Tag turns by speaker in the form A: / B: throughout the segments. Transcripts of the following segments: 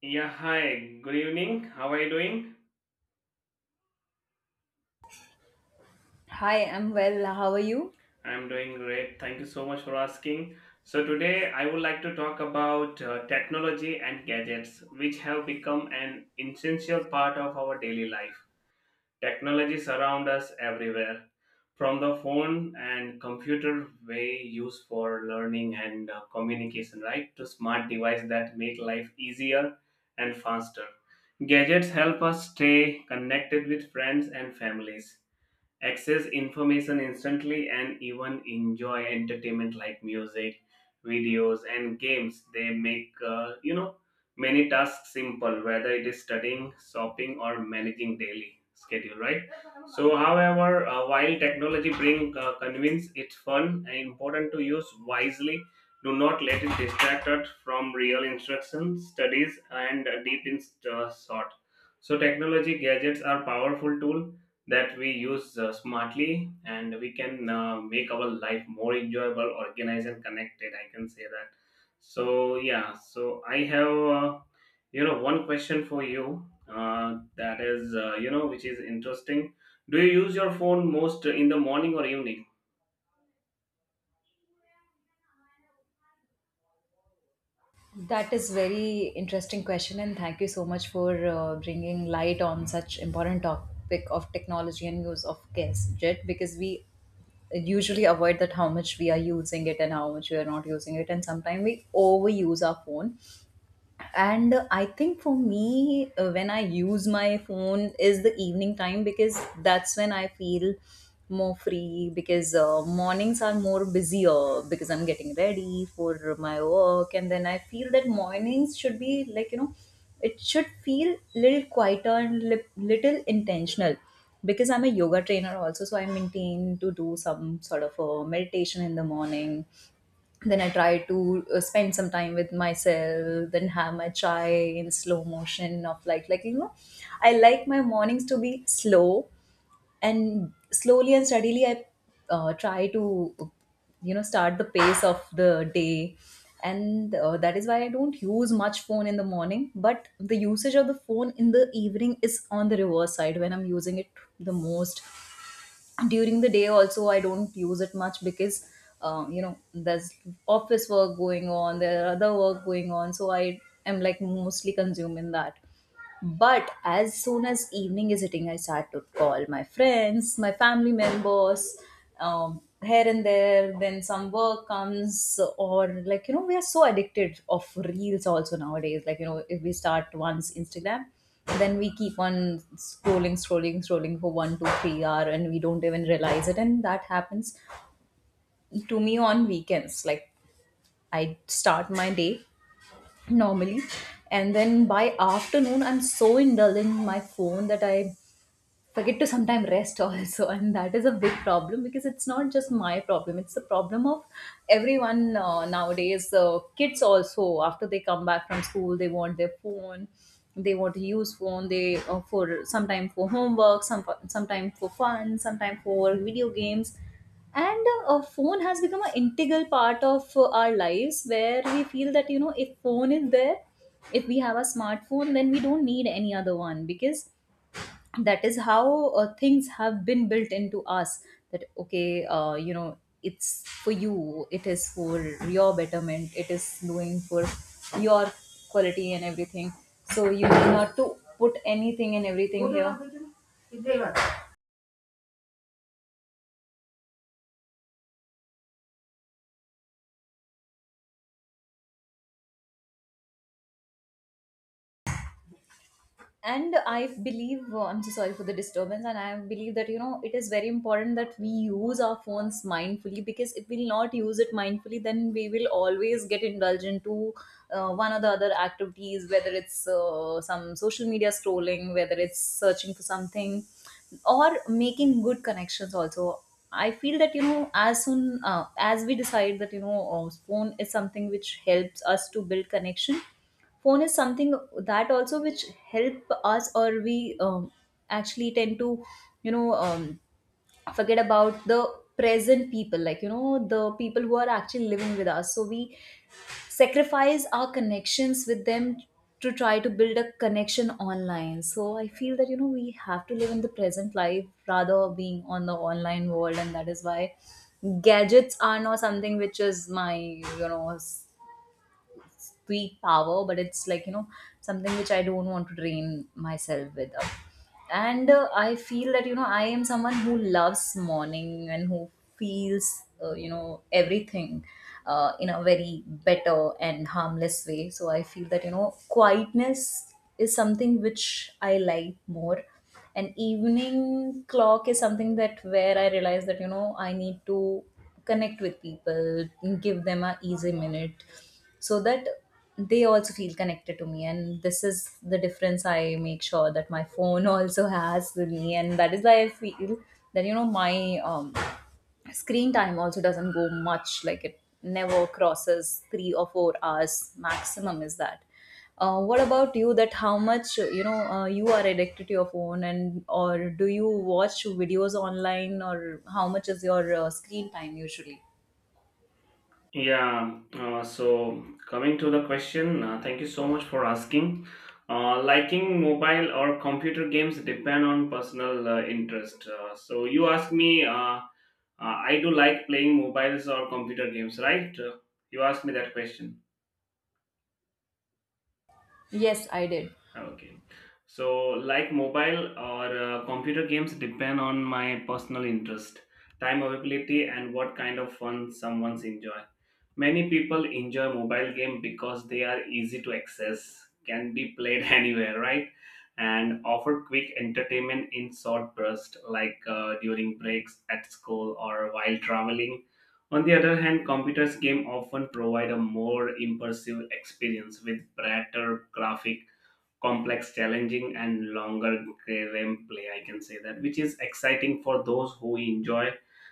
A: Yeah, hi, good evening. How are you doing?
B: Hi, I'm well. How are you?
A: I'm doing great. Thank you so much for asking. So, today I would like to talk about technology and gadgets, which have become an essential part of our daily life. Technology surrounds us everywhere, from the phone and computer we use for learning and communication, right, to smart devices that make life easier and faster. Gadgets help us stay connected with friends and families, access information instantly, and even enjoy entertainment like music, videos, and games. They make many tasks simple, whether it is studying, shopping, or managing daily schedule, right? So however, while technology bring convince, it's fun and important to use wisely. Do not let it distract us from real instruction, studies, and deep in thought. So technology gadgets are powerful tool that we use smartly, and we can make our life more enjoyable, organized, and connected, I can say that. So yeah, so I have one question for you, that is, which is interesting. Do you use your phone most in the morning or evening?
B: That is very interesting question, and thank you so much for bringing light on such important topic of technology and use of gadget, because we usually avoid that how much we are using it and how much we are not using it, and sometimes we overuse our phone. And I think for me, when I use my phone is the evening time, because that's when I feel more free. Because mornings are more busier because I'm getting ready for my work, and then I feel that mornings should be, like, you know, it should feel little quieter and little intentional, because I'm a yoga trainer also, so I maintain to do some sort of a meditation in the morning. Then I try to spend some time with myself, then have my chai in slow motion of like, you know. I like my mornings to be slow, and slowly and steadily I try to, you know, start the pace of the day. And that is why I don't use much phone in the morning, but the usage of the phone in the evening is on the reverse side, when I'm using it the most. During the day also I don't use it much, because you know, there's office work going on, there are other work going on, so I am like mostly consumed in that. But as soon as evening is hitting, I start to call my friends, my family members, here and there. Then some work comes, or like you know, we are so addicted of reels also nowadays. Like you know, if we start once Instagram, then we keep on scrolling, scrolling, scrolling for one, two, 3 hour, and we don't even realize it. And that happens to me on weekends. Like, I start my day normally, and then by afternoon I'm so indulgent in my phone that I forget to sometime rest also. And that is a big problem, because it's not just my problem, it's the problem of everyone, nowadays. Kids also, after they come back from school, they want their phone, they want to use phone, they for sometime for homework, sometime for fun, sometime for video games. And a phone has become an integral part of our lives, where we feel that, you know, if phone is there, if we have a smartphone, then we don't need any other one, because that is how things have been built into us. That, okay, you know, it's for you, it is for your betterment, it is doing for your quality and everything, so you need not to put anything and everything here. And I believe, oh, I'm so sorry for the disturbance, and I believe that, you know, it is very important that we use our phones mindfully, because if we'll not use it mindfully, then we will always get indulged into one or the other activities, whether it's some social media scrolling, whether it's searching for something, or making good connections also. I feel that, you know, as soon as we decide that, you know, phone is something which helps us to build connection, phone is something that also which help us, or we actually tend to, you know, forget about the present people, like you know, the people who are actually living with us, so we sacrifice our connections with them to try to build a connection online. So I feel that, you know, we have to live in the present life rather being on the online world. And that is why gadgets are not something which is my, you know, sweet power, but it's like, you know, something which I don't want to drain myself with. And I feel that, you know, I am someone who loves morning and who feels, you know, everything in a very better and harmless way. So I feel that, you know, quietness is something which I like more, and evening clock is something that where I realize that, you know, I need to connect with people, give them a easy minute, so that they also feel connected to me. And this is the difference I make sure that my phone also has with me. And that is why I feel that, you know, my screen time also doesn't go much, like it never crosses 3 or 4 hours maximum. Is that what about you, that how much, you know, you are addicted to your phone, and or do you watch videos online, or how much is your screen time usually?
A: Yeah, so coming to the question, thank you so much for asking. Liking mobile or computer games depend on personal interest. So you ask me, I do like playing mobiles or computer games, right? You asked me that question.
B: Yes, I did.
A: Okay. So, like mobile or computer games depend on my personal interest, time availability, and what kind of fun someone's enjoy. Many people enjoy mobile game because they are easy to access, can be played anywhere, right? And offer quick entertainment in short bursts, like during breaks at school or while traveling. On the other hand, computers game often provide a more immersive experience with brighter graphic, complex, challenging, and longer game play, I can say that, which is exciting for those who enjoy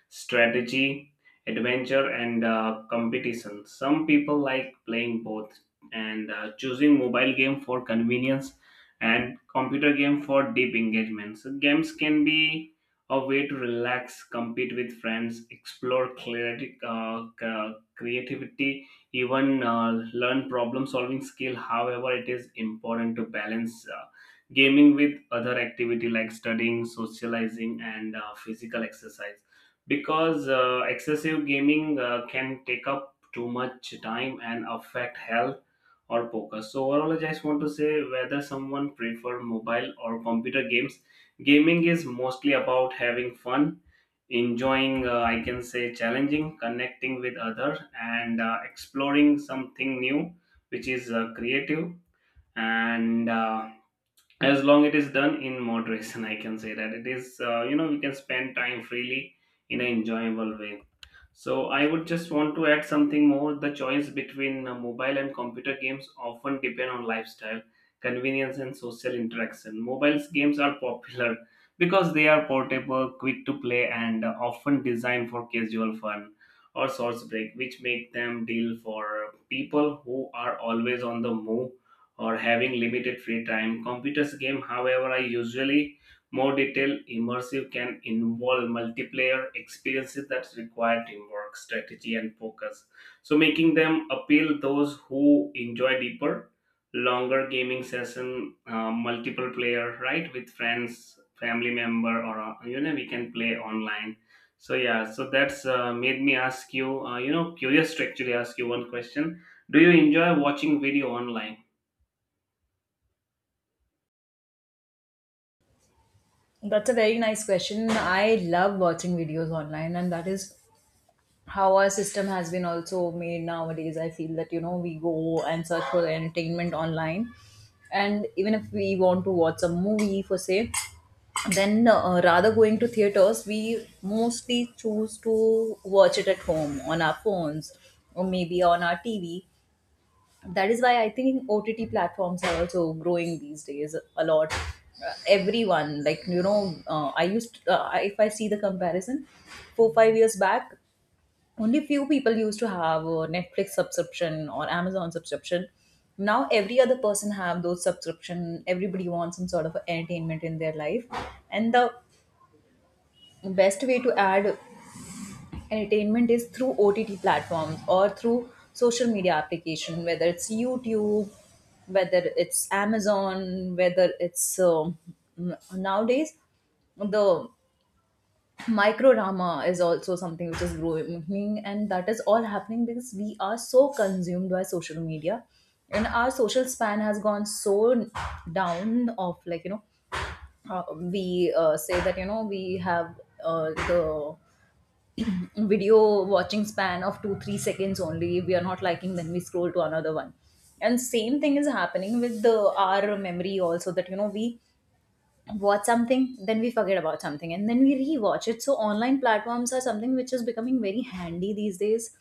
A: strategy, adventure, and competition. Some people like playing both and choosing mobile game for convenience and computer game for deep engagement. So games can be a way to relax, compete with friends, explore clarity, creativity, even learn problem solving skill. However, it is important to balance gaming with other activity like studying, socializing, and physical exercise, because excessive gaming can take up too much time and affect health or focus. So overall I just want to say, whether someone prefer mobile or computer games, gaming is mostly about having fun, enjoying, I can say, challenging, connecting with others, and exploring something new, which is creative, and as long it is done in moderation, I can say that, it is, we can spend time freely in an enjoyable way. So I would just want to add something more. The choice between mobile and computer games often depend on lifestyle, convenience, and social interaction. Mobile games are popular because they are portable, quick to play, and often designed for casual fun or short break, which make them deal for people who are always on the move or having limited free time. Computers game, however, are usually more detailed, immersive, can involve multiplayer experiences that require teamwork, strategy, and focus. So making them appeal those who enjoy deeper, longer gaming session, multiple player, right, with friends, family member, or we can play online. So yeah, so that's made me ask you, you know, curious to actually ask you one question. Do you enjoy watching video online?
B: That's a very nice question. I love watching videos online, and that is how our system has been also made nowadays. I feel that, you know, we go and search for entertainment online. And even if we want to watch a movie for say, then rather going to theaters, we mostly choose to watch it at home on our phones or maybe on our TV. That is why I think OTT platforms are also growing these days a lot. Everyone, like you know, if I see the comparison 4 5 years back, only few people used to have a Netflix subscription or Amazon subscription. Now every other person have those subscription, everybody wants some sort of entertainment in their life. And the best way to add entertainment is through OTT platforms or through social media application, whether it's YouTube, whether it's Amazon, whether it's, nowadays, the microdrama is also something which is growing. And that is all happening because we are so consumed by social media, and our social span has gone so down of, like you know, we say that, you know, we have the video watching span of 2 3 seconds only. If we are not liking, then we scroll to another one. And same thing is happening with the our memory also, that, you know, we watch something, then we forget about something, and then we rewatch it. So online platforms are something which is becoming very handy these days,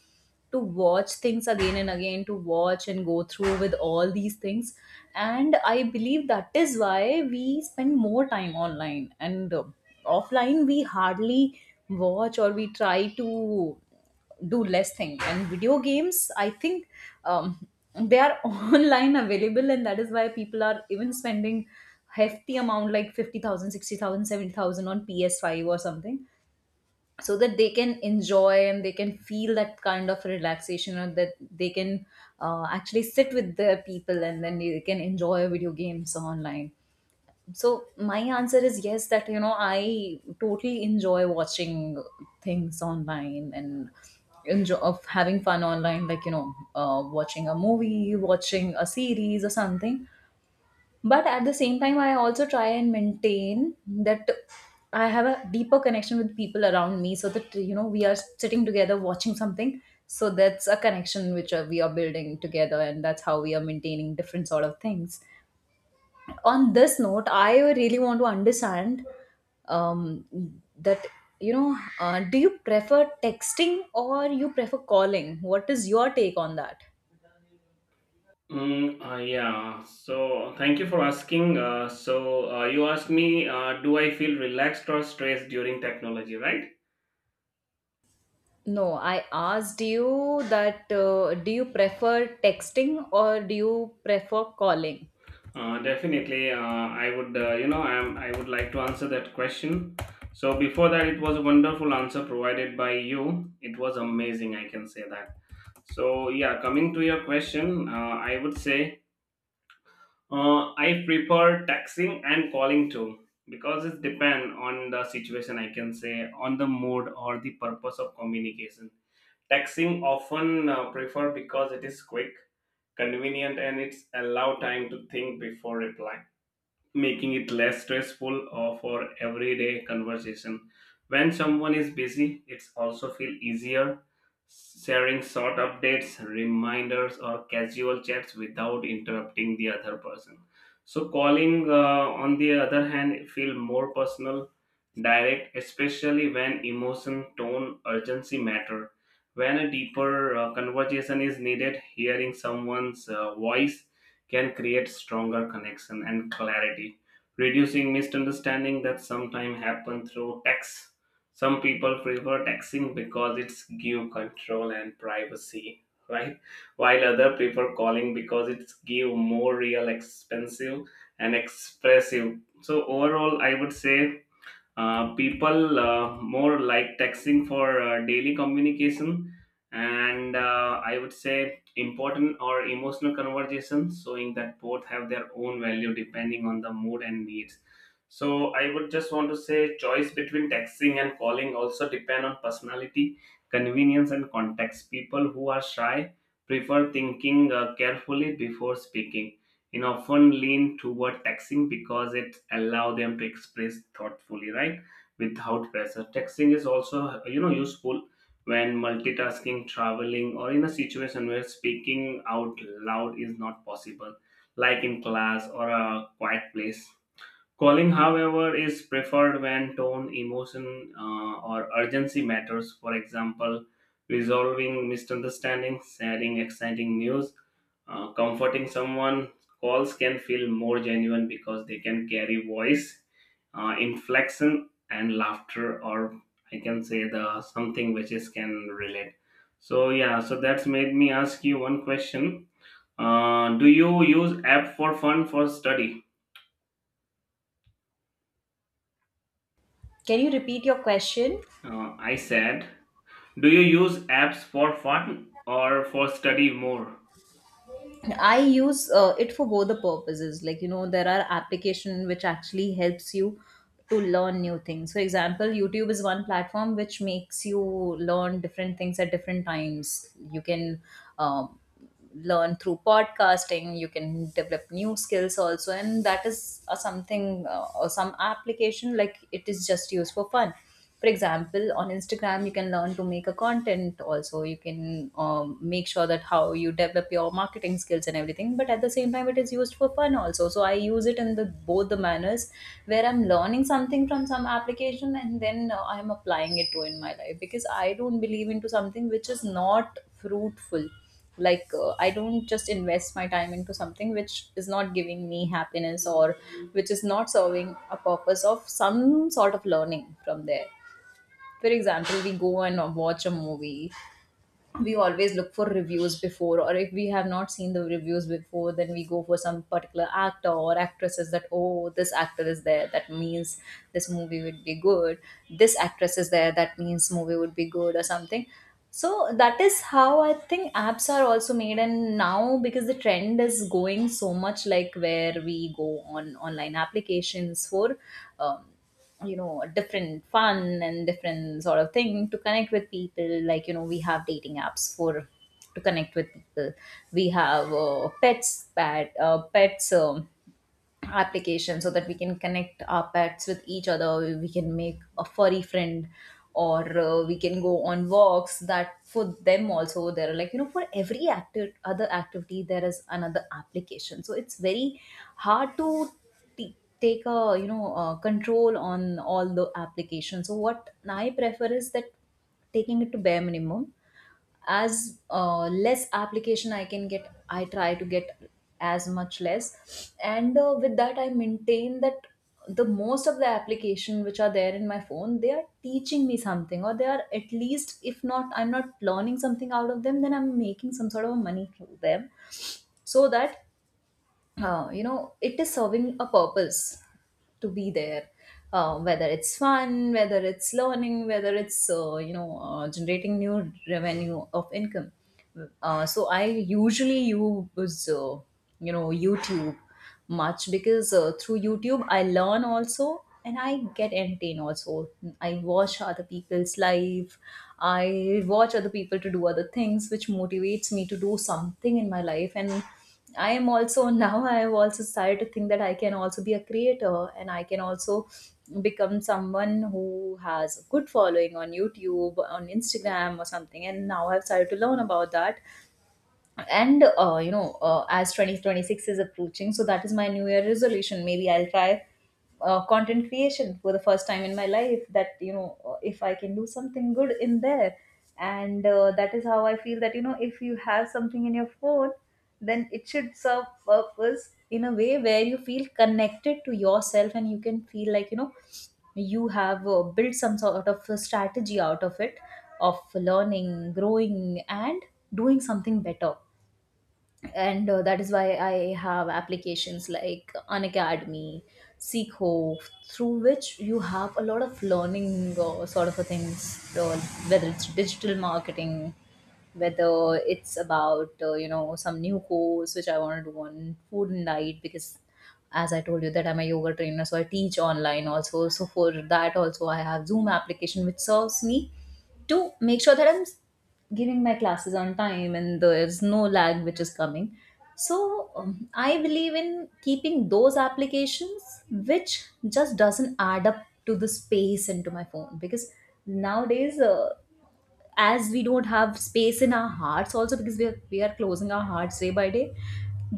B: to watch things again and again, to watch and go through with all these things. And I believe that is why we spend more time online and offline. We hardly watch, or we try to do less thing. And video games, I think, um, they are online available, and that is why people are even spending hefty amount like 50,000, 60,000, 70,000 on PS5 or something, so that they can enjoy and they can feel that kind of relaxation, or that they can actually sit with their people and then they can enjoy video games online. So my answer is yes, that, you know, I totally enjoy watching things online and enjoy of having fun online, like, you know, watching a movie, watching a series or something. But at the same time, I also try and maintain that I have a deeper connection with people around me, so that, you know, we are sitting together watching something. So that's a connection which we are building together, and that's how we are maintaining different sort of things. On this note, I really want to understand, that, you know, do you prefer texting, or you prefer calling? What is your take on that?
A: Mm, yeah, so thank you for asking. So you asked me, do I feel relaxed or stressed during technology, right?
B: No, I asked you that, do you prefer texting, or do you prefer calling?
A: Definitely, I would, I would like to answer that question. So before that, it was a wonderful answer provided by you. It was amazing, I can say that. So yeah, coming to your question, I would say I prefer texting and calling too, because it depends on the situation. I can say, on the mood or the purpose of communication. Texting often prefer because it is quick, convenient, and it's allow time to think before reply, making it less stressful or for everyday conversation. When someone is busy, it's also feel easier sharing short updates, reminders, or casual chats without interrupting the other person. So calling, on the other hand, feel more personal, direct, especially when emotion, tone, urgency matter. When a deeper conversation is needed, hearing someone's voice can create stronger connection and clarity, reducing misunderstanding that sometimes happen through text. Some people prefer texting because it's give control and privacy, right? While other prefer calling because it's give more real, expensive, and expressive. So overall, I would say people more like texting for daily communication and I would say important or emotional conversations, showing that both have their own value depending on the mood and needs. So I would just want to say choice between texting and calling also depend on personality, convenience, and context. People who are shy prefer thinking carefully before speaking, you know, often lean toward texting because it allow them to express thoughtfully, right, without pressure. Texting is also, you know, useful when multitasking, traveling, or in a situation where speaking out loud is not possible, like in class or a quiet place. Calling, however, is preferred when tone, emotion, or urgency matters. For example, resolving misunderstandings, sharing exciting news, comforting someone. Calls can feel more genuine because they can carry voice, inflection, and laughter, or I can say the something which is can relate. So yeah, so that's made me ask you one question. Do you use app for fun for study?
B: Can you repeat your question?
A: I said, do you use apps for fun or for study more?
B: I use it for both the purposes. Like, you know, there are application which actually helps you to learn new things. For example, YouTube is one platform which makes you learn different things at different times. You can um, learn through podcasting. You can develop new skills also, and that is something or some application, like, it is just used for fun. For example, on Instagram you can learn to make a content also. You can make sure that how you develop your marketing skills and everything, but at the same time it is used for fun also. So I use it in the both the manners, where I'm learning something from some application and then I'm applying it to in my life, because I don't believe into something which is not fruitful. Like, I don't just invest my time into something which is not giving me happiness, or which is not serving a purpose of some sort of learning from there. For example, we go and watch a movie. We always look for reviews before, or if we have not seen the reviews before, then we go for some particular actor or actresses, that, oh, this actor is there, that means this movie would be good. This actress is there, that means movie would be good or something. So that is how I think apps are also made. And now, because the trend is going so much, like, where we go on online applications for um, you know, a different fun and different sort of thing to connect with people, like, you know, we have dating apps for to connect with people. We have pets pet pets application, so that we can connect our pets with each other. We can make a furry friend, or we can go on walks that for them also. There are, like, you know, for every active other activity there is another application, so it's very hard to take a, you know, control on all the applications. So what I prefer is that taking it to bare minimum. As less application I can get, I try to get as much less, and with that I maintain that the most of the application which are there in my phone, they are teaching me something, or they are at least, if not, I'm not learning something out of them, then I'm making some sort of money through them. So that you know, it is serving a purpose to be there, whether it's fun, whether it's learning, whether it's you know, generating new revenue of income. So I usually use you know, YouTube much, because through YouTube I learn also and I get entertained also. I watch other people's life. I watch other people to do other things, which motivates me to do something in my life. And I am also now I have also started to think that I can also be a creator, and I can also become someone who has a good following on YouTube, on Instagram or something. And now I've started to learn about that. And you know, as 2026 is approaching, so that is my new year resolution. Maybe I'll try content creation for the first time in my life, that, you know, if I can do something good in there. And that is how I feel, that, you know, if you have something in your phone, then it should serve purpose in a way where you feel connected to yourself, and you can feel like, you know, you have built some sort of a strategy out of it, of learning, growing and doing something better. And that is why I have applications like Unacademy, Seekho, through which you have a lot of learning sort of a things, whether it's digital marketing, whether it's about you know, some new course which I want to do on food and diet. Because as I told you that I'm a yoga trainer, so I teach online also, so for that also I have Zoom application, which serves me to make sure that I'm giving my classes on time and there's no lag which is coming. So I believe in keeping those applications which just doesn't add up to the space into my phone, because nowadays as we don't have space in our hearts also, because we are closing our hearts day by day,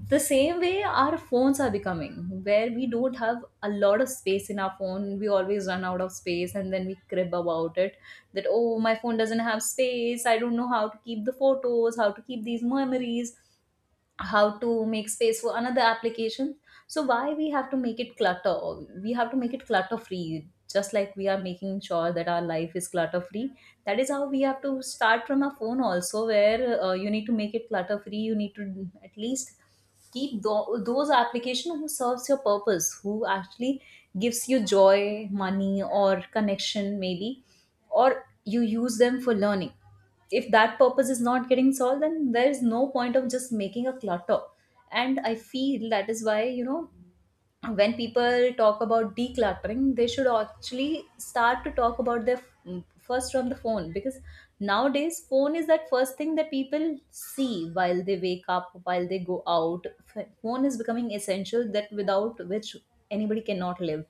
B: the same way our phones are becoming, where we don't have a lot of space in our phone. We always run out of space and then we crib about it, that, oh, my phone doesn't have space, I don't know how to keep the photos, how to keep these memories, how to make space for another application. So why we have to make it clutter? We have to make it clutter free, just like we are making sure that our life is clutter free. That is how we have to start from our phone also, where you need to make it clutter free. You need to at least keep those application who serves your purpose, who actually gives you joy, money or connection, maybe, or you use them for learning. If that purpose is not getting solved, then there is no point of just making a clutter. And I feel that is why, you know, when people talk about decluttering, they should actually start to talk about their first from the phone, because nowadays phone is that first thing that people see while they wake up, while they go out. Phone is becoming essential, that without which anybody cannot live.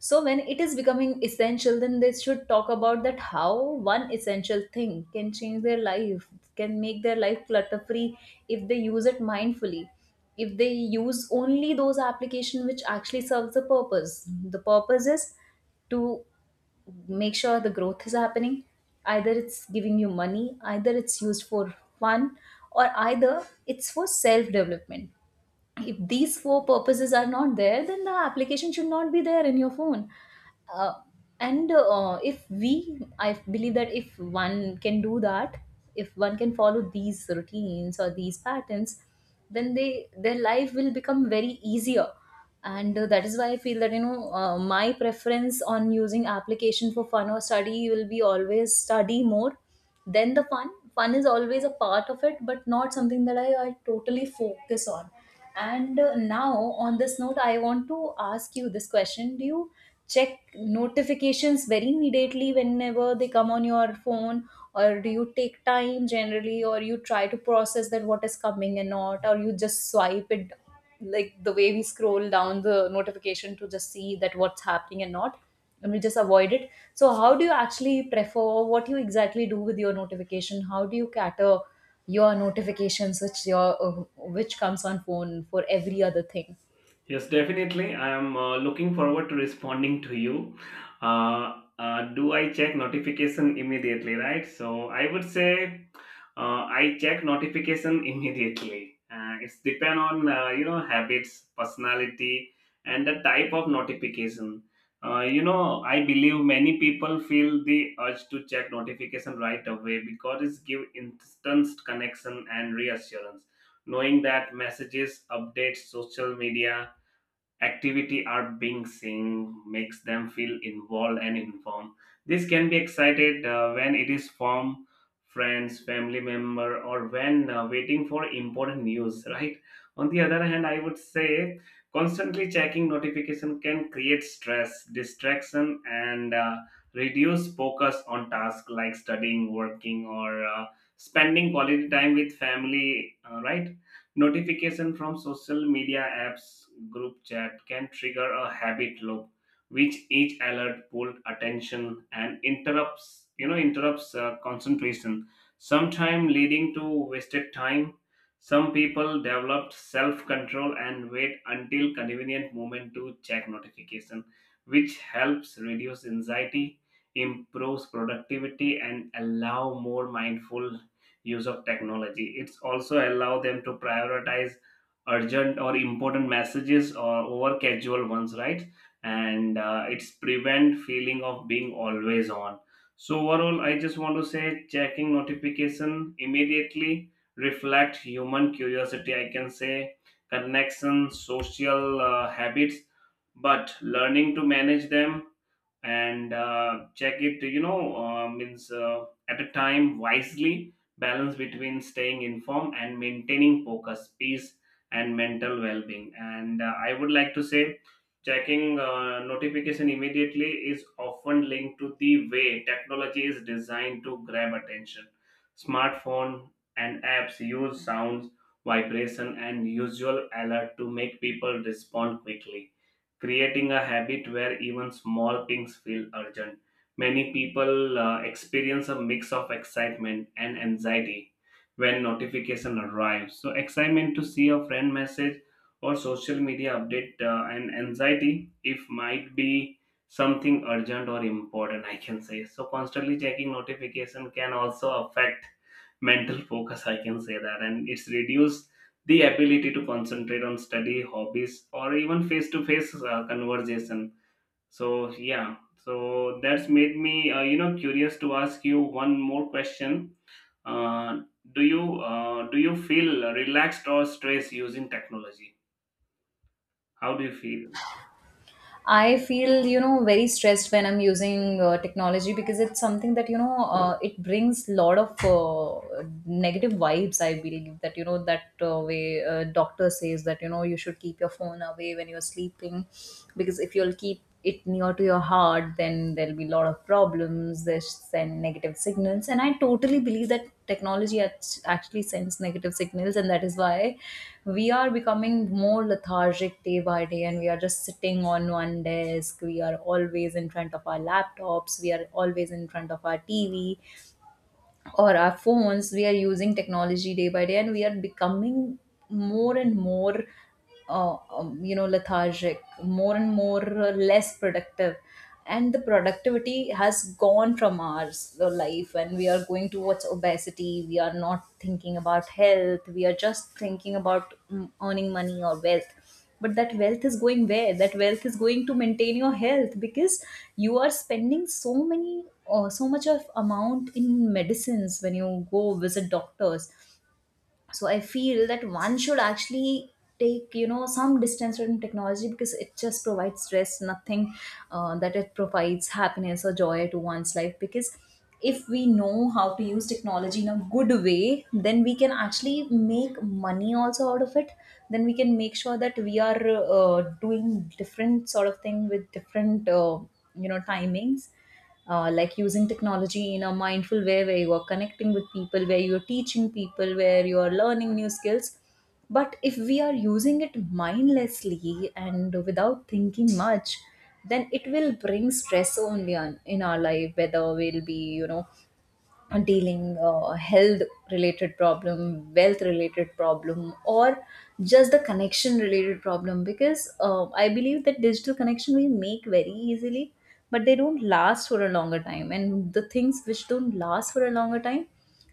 B: So when it is becoming essential, then they should talk about that how one essential thing can change their life, can make their life clutter free if they use it mindfully. If they use only those application which actually serves the purpose. The purpose is to make sure the growth is happening. Either it's giving you money, either it's used for fun, or either it's for self development. If these four purposes are not there, then the application should not be there in your phone. Uh, and If we, I believe that if one can do that, if one can follow these routines or these patterns, then they, their life will become very easier. And that is why I feel that, you know, my preference on using application for fun or study will be always study more than the fun. Fun is always a part of it, but not something that I totally focus on. And now, on this note, I want to ask you this question. Do you check notifications very immediately whenever they come on your phone, or do you take time generally, or you try to process that what is coming and not, or you just swipe it, like the way we scroll down the notification to just see that what's happening and not, and we just avoid it? So how do you actually prefer? What do you exactly do with your notification? How do you cater your notifications, which your which comes on phone for every other thing?
A: Yes, definitely. I am looking forward to responding to you. Do I check notification immediately, right? So I would say I check notification immediately. It's depend on, you know, habits, personality, and the type of notification. You know, I believe many people feel the urge to check notification right away because it give instant connection and reassurance. Knowing that messages, updates, social media activity are being seen makes them feel involved and informed. This can be excited when it is from friends, family member, or when waiting for important news. Right. On the other hand, I would say constantly checking notification can create stress, distraction, and reduce focus on tasks like studying, working, or spending quality time with family, right. Notification from social media apps, group chat can trigger a habit loop, which each alert pulls attention and interrupts concentration, sometimes leading to wasted time. Some people developed self-control and wait until convenient moment to check notification, which helps reduce anxiety, improves productivity, and allow more mindful use of technology. It's also allow them to prioritize urgent or important messages or over casual ones, right? And it's prevent feeling of being always on. So overall, I just want to say checking notification immediately reflect human curiosity, I can say, connection, social habits, but learning to manage them and check it, you know, means at a time wisely balance between staying informed and maintaining focus, peace, and mental well-being. And I would like to say checking notification immediately is often linked to the way technology is designed to grab attention. Smartphone and apps use sounds, vibration, and usual alert to make people respond quickly, creating a habit where even small things feel urgent. Many people experience a mix of excitement and anxiety when notification arrives. So excitement to see a friend message or social media update, and anxiety if might be something urgent or important, I can say. So constantly checking notification can also affect mental focus, I can say that, and it's reduced the ability to concentrate on study, hobbies, or even face to face conversation. So yeah, so that's made me, you know, curious to ask you one more question. Uh, do you uh, do you feel relaxed or stressed using technology? How do you feel?
B: I feel, you know, very stressed when I'm using technology, because it's something that, you know, it brings lot of negative vibes. I believe that, you know, that way doctor says that, you know, you should keep your phone away when you're sleeping, because if you'll keep it near to your heart, then there'll be a lot of problems. They send negative signals, and I totally believe that technology actually sends negative signals, and that is why we are becoming more lethargic day by day, and we are just sitting on one desk. We are always in front of our laptops. We are always in front of our TV, or our phones. We are using technology day by day, and we are becoming more and more you know, lethargic, more and more less productive. And the productivity has gone from our life, and we are going towards obesity. We are not thinking about health. We are just thinking about earning money or wealth. But that wealth is going where? That wealth is going to maintain your health, because you are spending so many, or so much of amount in medicines when you go visit doctors. So I feel that one should actually take, you know, some distance from technology, because it just provides stress, nothing that it provides happiness or joy to one's life. Because if we know how to use technology in a good way, then we can actually make money also out of it. Then we can make sure that we are doing different sort of thing with different you know, timings. Like, using technology in a mindful way, where you are connecting with people, where you're teaching people, where you are learning new skills. But if we are using it mindlessly and without thinking much, then it will bring stress only on in our life, whether we'll be, you know, dealing health related problem, wealth related problem, or just the connection related problem. Because I believe that digital connection we make very easily, but they don't last for a longer time, and the things which don't last for a longer time,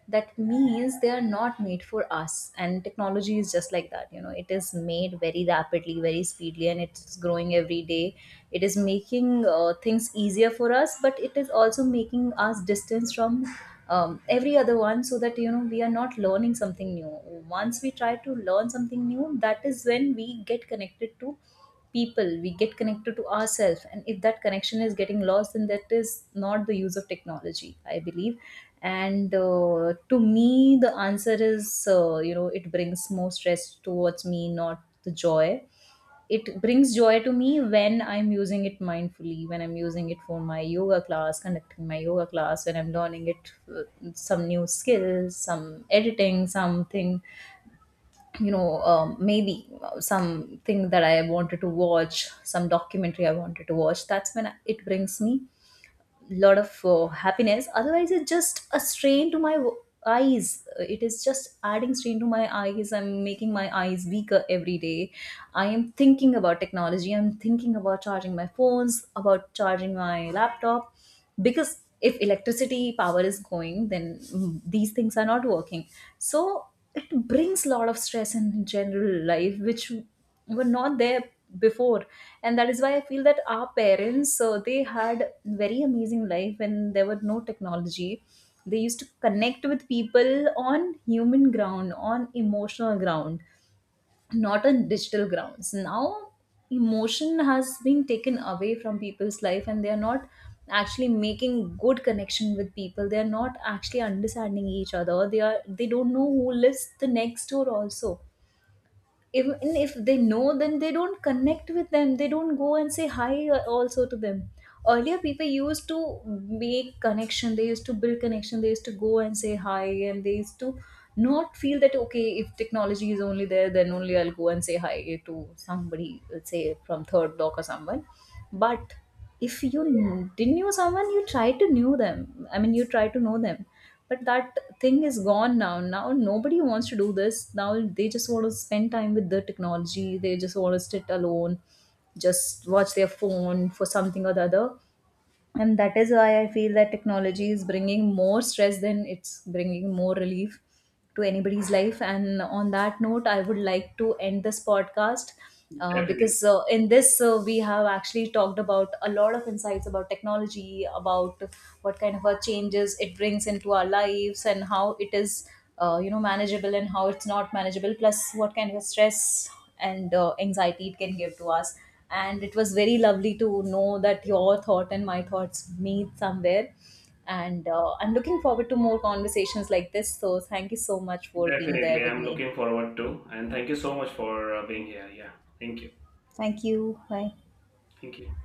B: that means they are not made for us. And technology is just like that, you know, it is made very rapidly, very speedily, and it's growing every day. It is making things easier for us, but it is also making us distance from every other one, so that, you know, we are not learning something new. Once we try to learn something new, that is when we get connected to people, we get connected to ourselves. And if that connection is getting lost, then that is not the use of technology, I believe. And to me, the answer is, you know, it brings more stress towards me, not the joy. It brings joy to me when I'm using it mindfully, when I'm using it for my yoga class, conducting my yoga class, when I'm learning it, some new skills, some editing, something, you know, maybe something that I wanted to watch, some documentary I wanted to watch. That's when it brings me lot of happiness. Otherwise it's just a strain to my eyes. It is just adding strain to my eyes. I'm making my eyes weaker every day. I am thinking about technology. I'm thinking about charging my phones, about charging my laptop, because if electricity power is going, then these things are not working. So it brings a lot of stress in general life, which were not there before. And that is why I feel that our parents, so they had very amazing life when there was no technology. They used to connect with people on human ground, on emotional ground, not on digital grounds. Now emotion has been taken away from people's life, and they are not actually making good connection with people. They are not actually understanding each other. They are, they don't know who lives the next door also. Even if they know, then they don't connect with them. They don't go and say hi also to them. Earlier people used to make connection. They used to build connection. They used to go and say hi, and they used to not feel that, okay, if technology is only there, then only I'll go and say hi to somebody, let's say, from third block or someone. But if you didn't know someone, you try to know them, I mean, you try to know them. But that thing is gone now. Now nobody wants to do this now. They just want to spend time with the technology. They just want to sit alone, just watch their phone for something or the other. And that is why I feel that technology is bringing more stress than it's bringing more relief to anybody's life. And on that note, I would like to end this podcast,
A: Definitely.
B: because in this, we have actually talked about a lot of insights about technology, about what kind of a changes it brings into our lives and how it is, you know, manageable and how it's not manageable, plus what kind of stress and anxiety it can give to us. And it was very lovely to know that your thought and my thoughts meet somewhere. And I'm looking forward to more conversations like this. So thank you so much for being there
A: Definitely,
B: with
A: I'm
B: me.
A: looking forward to, and thank you so much for being here. Yeah, thank you.
B: Thank you. Bye.
A: Thank you.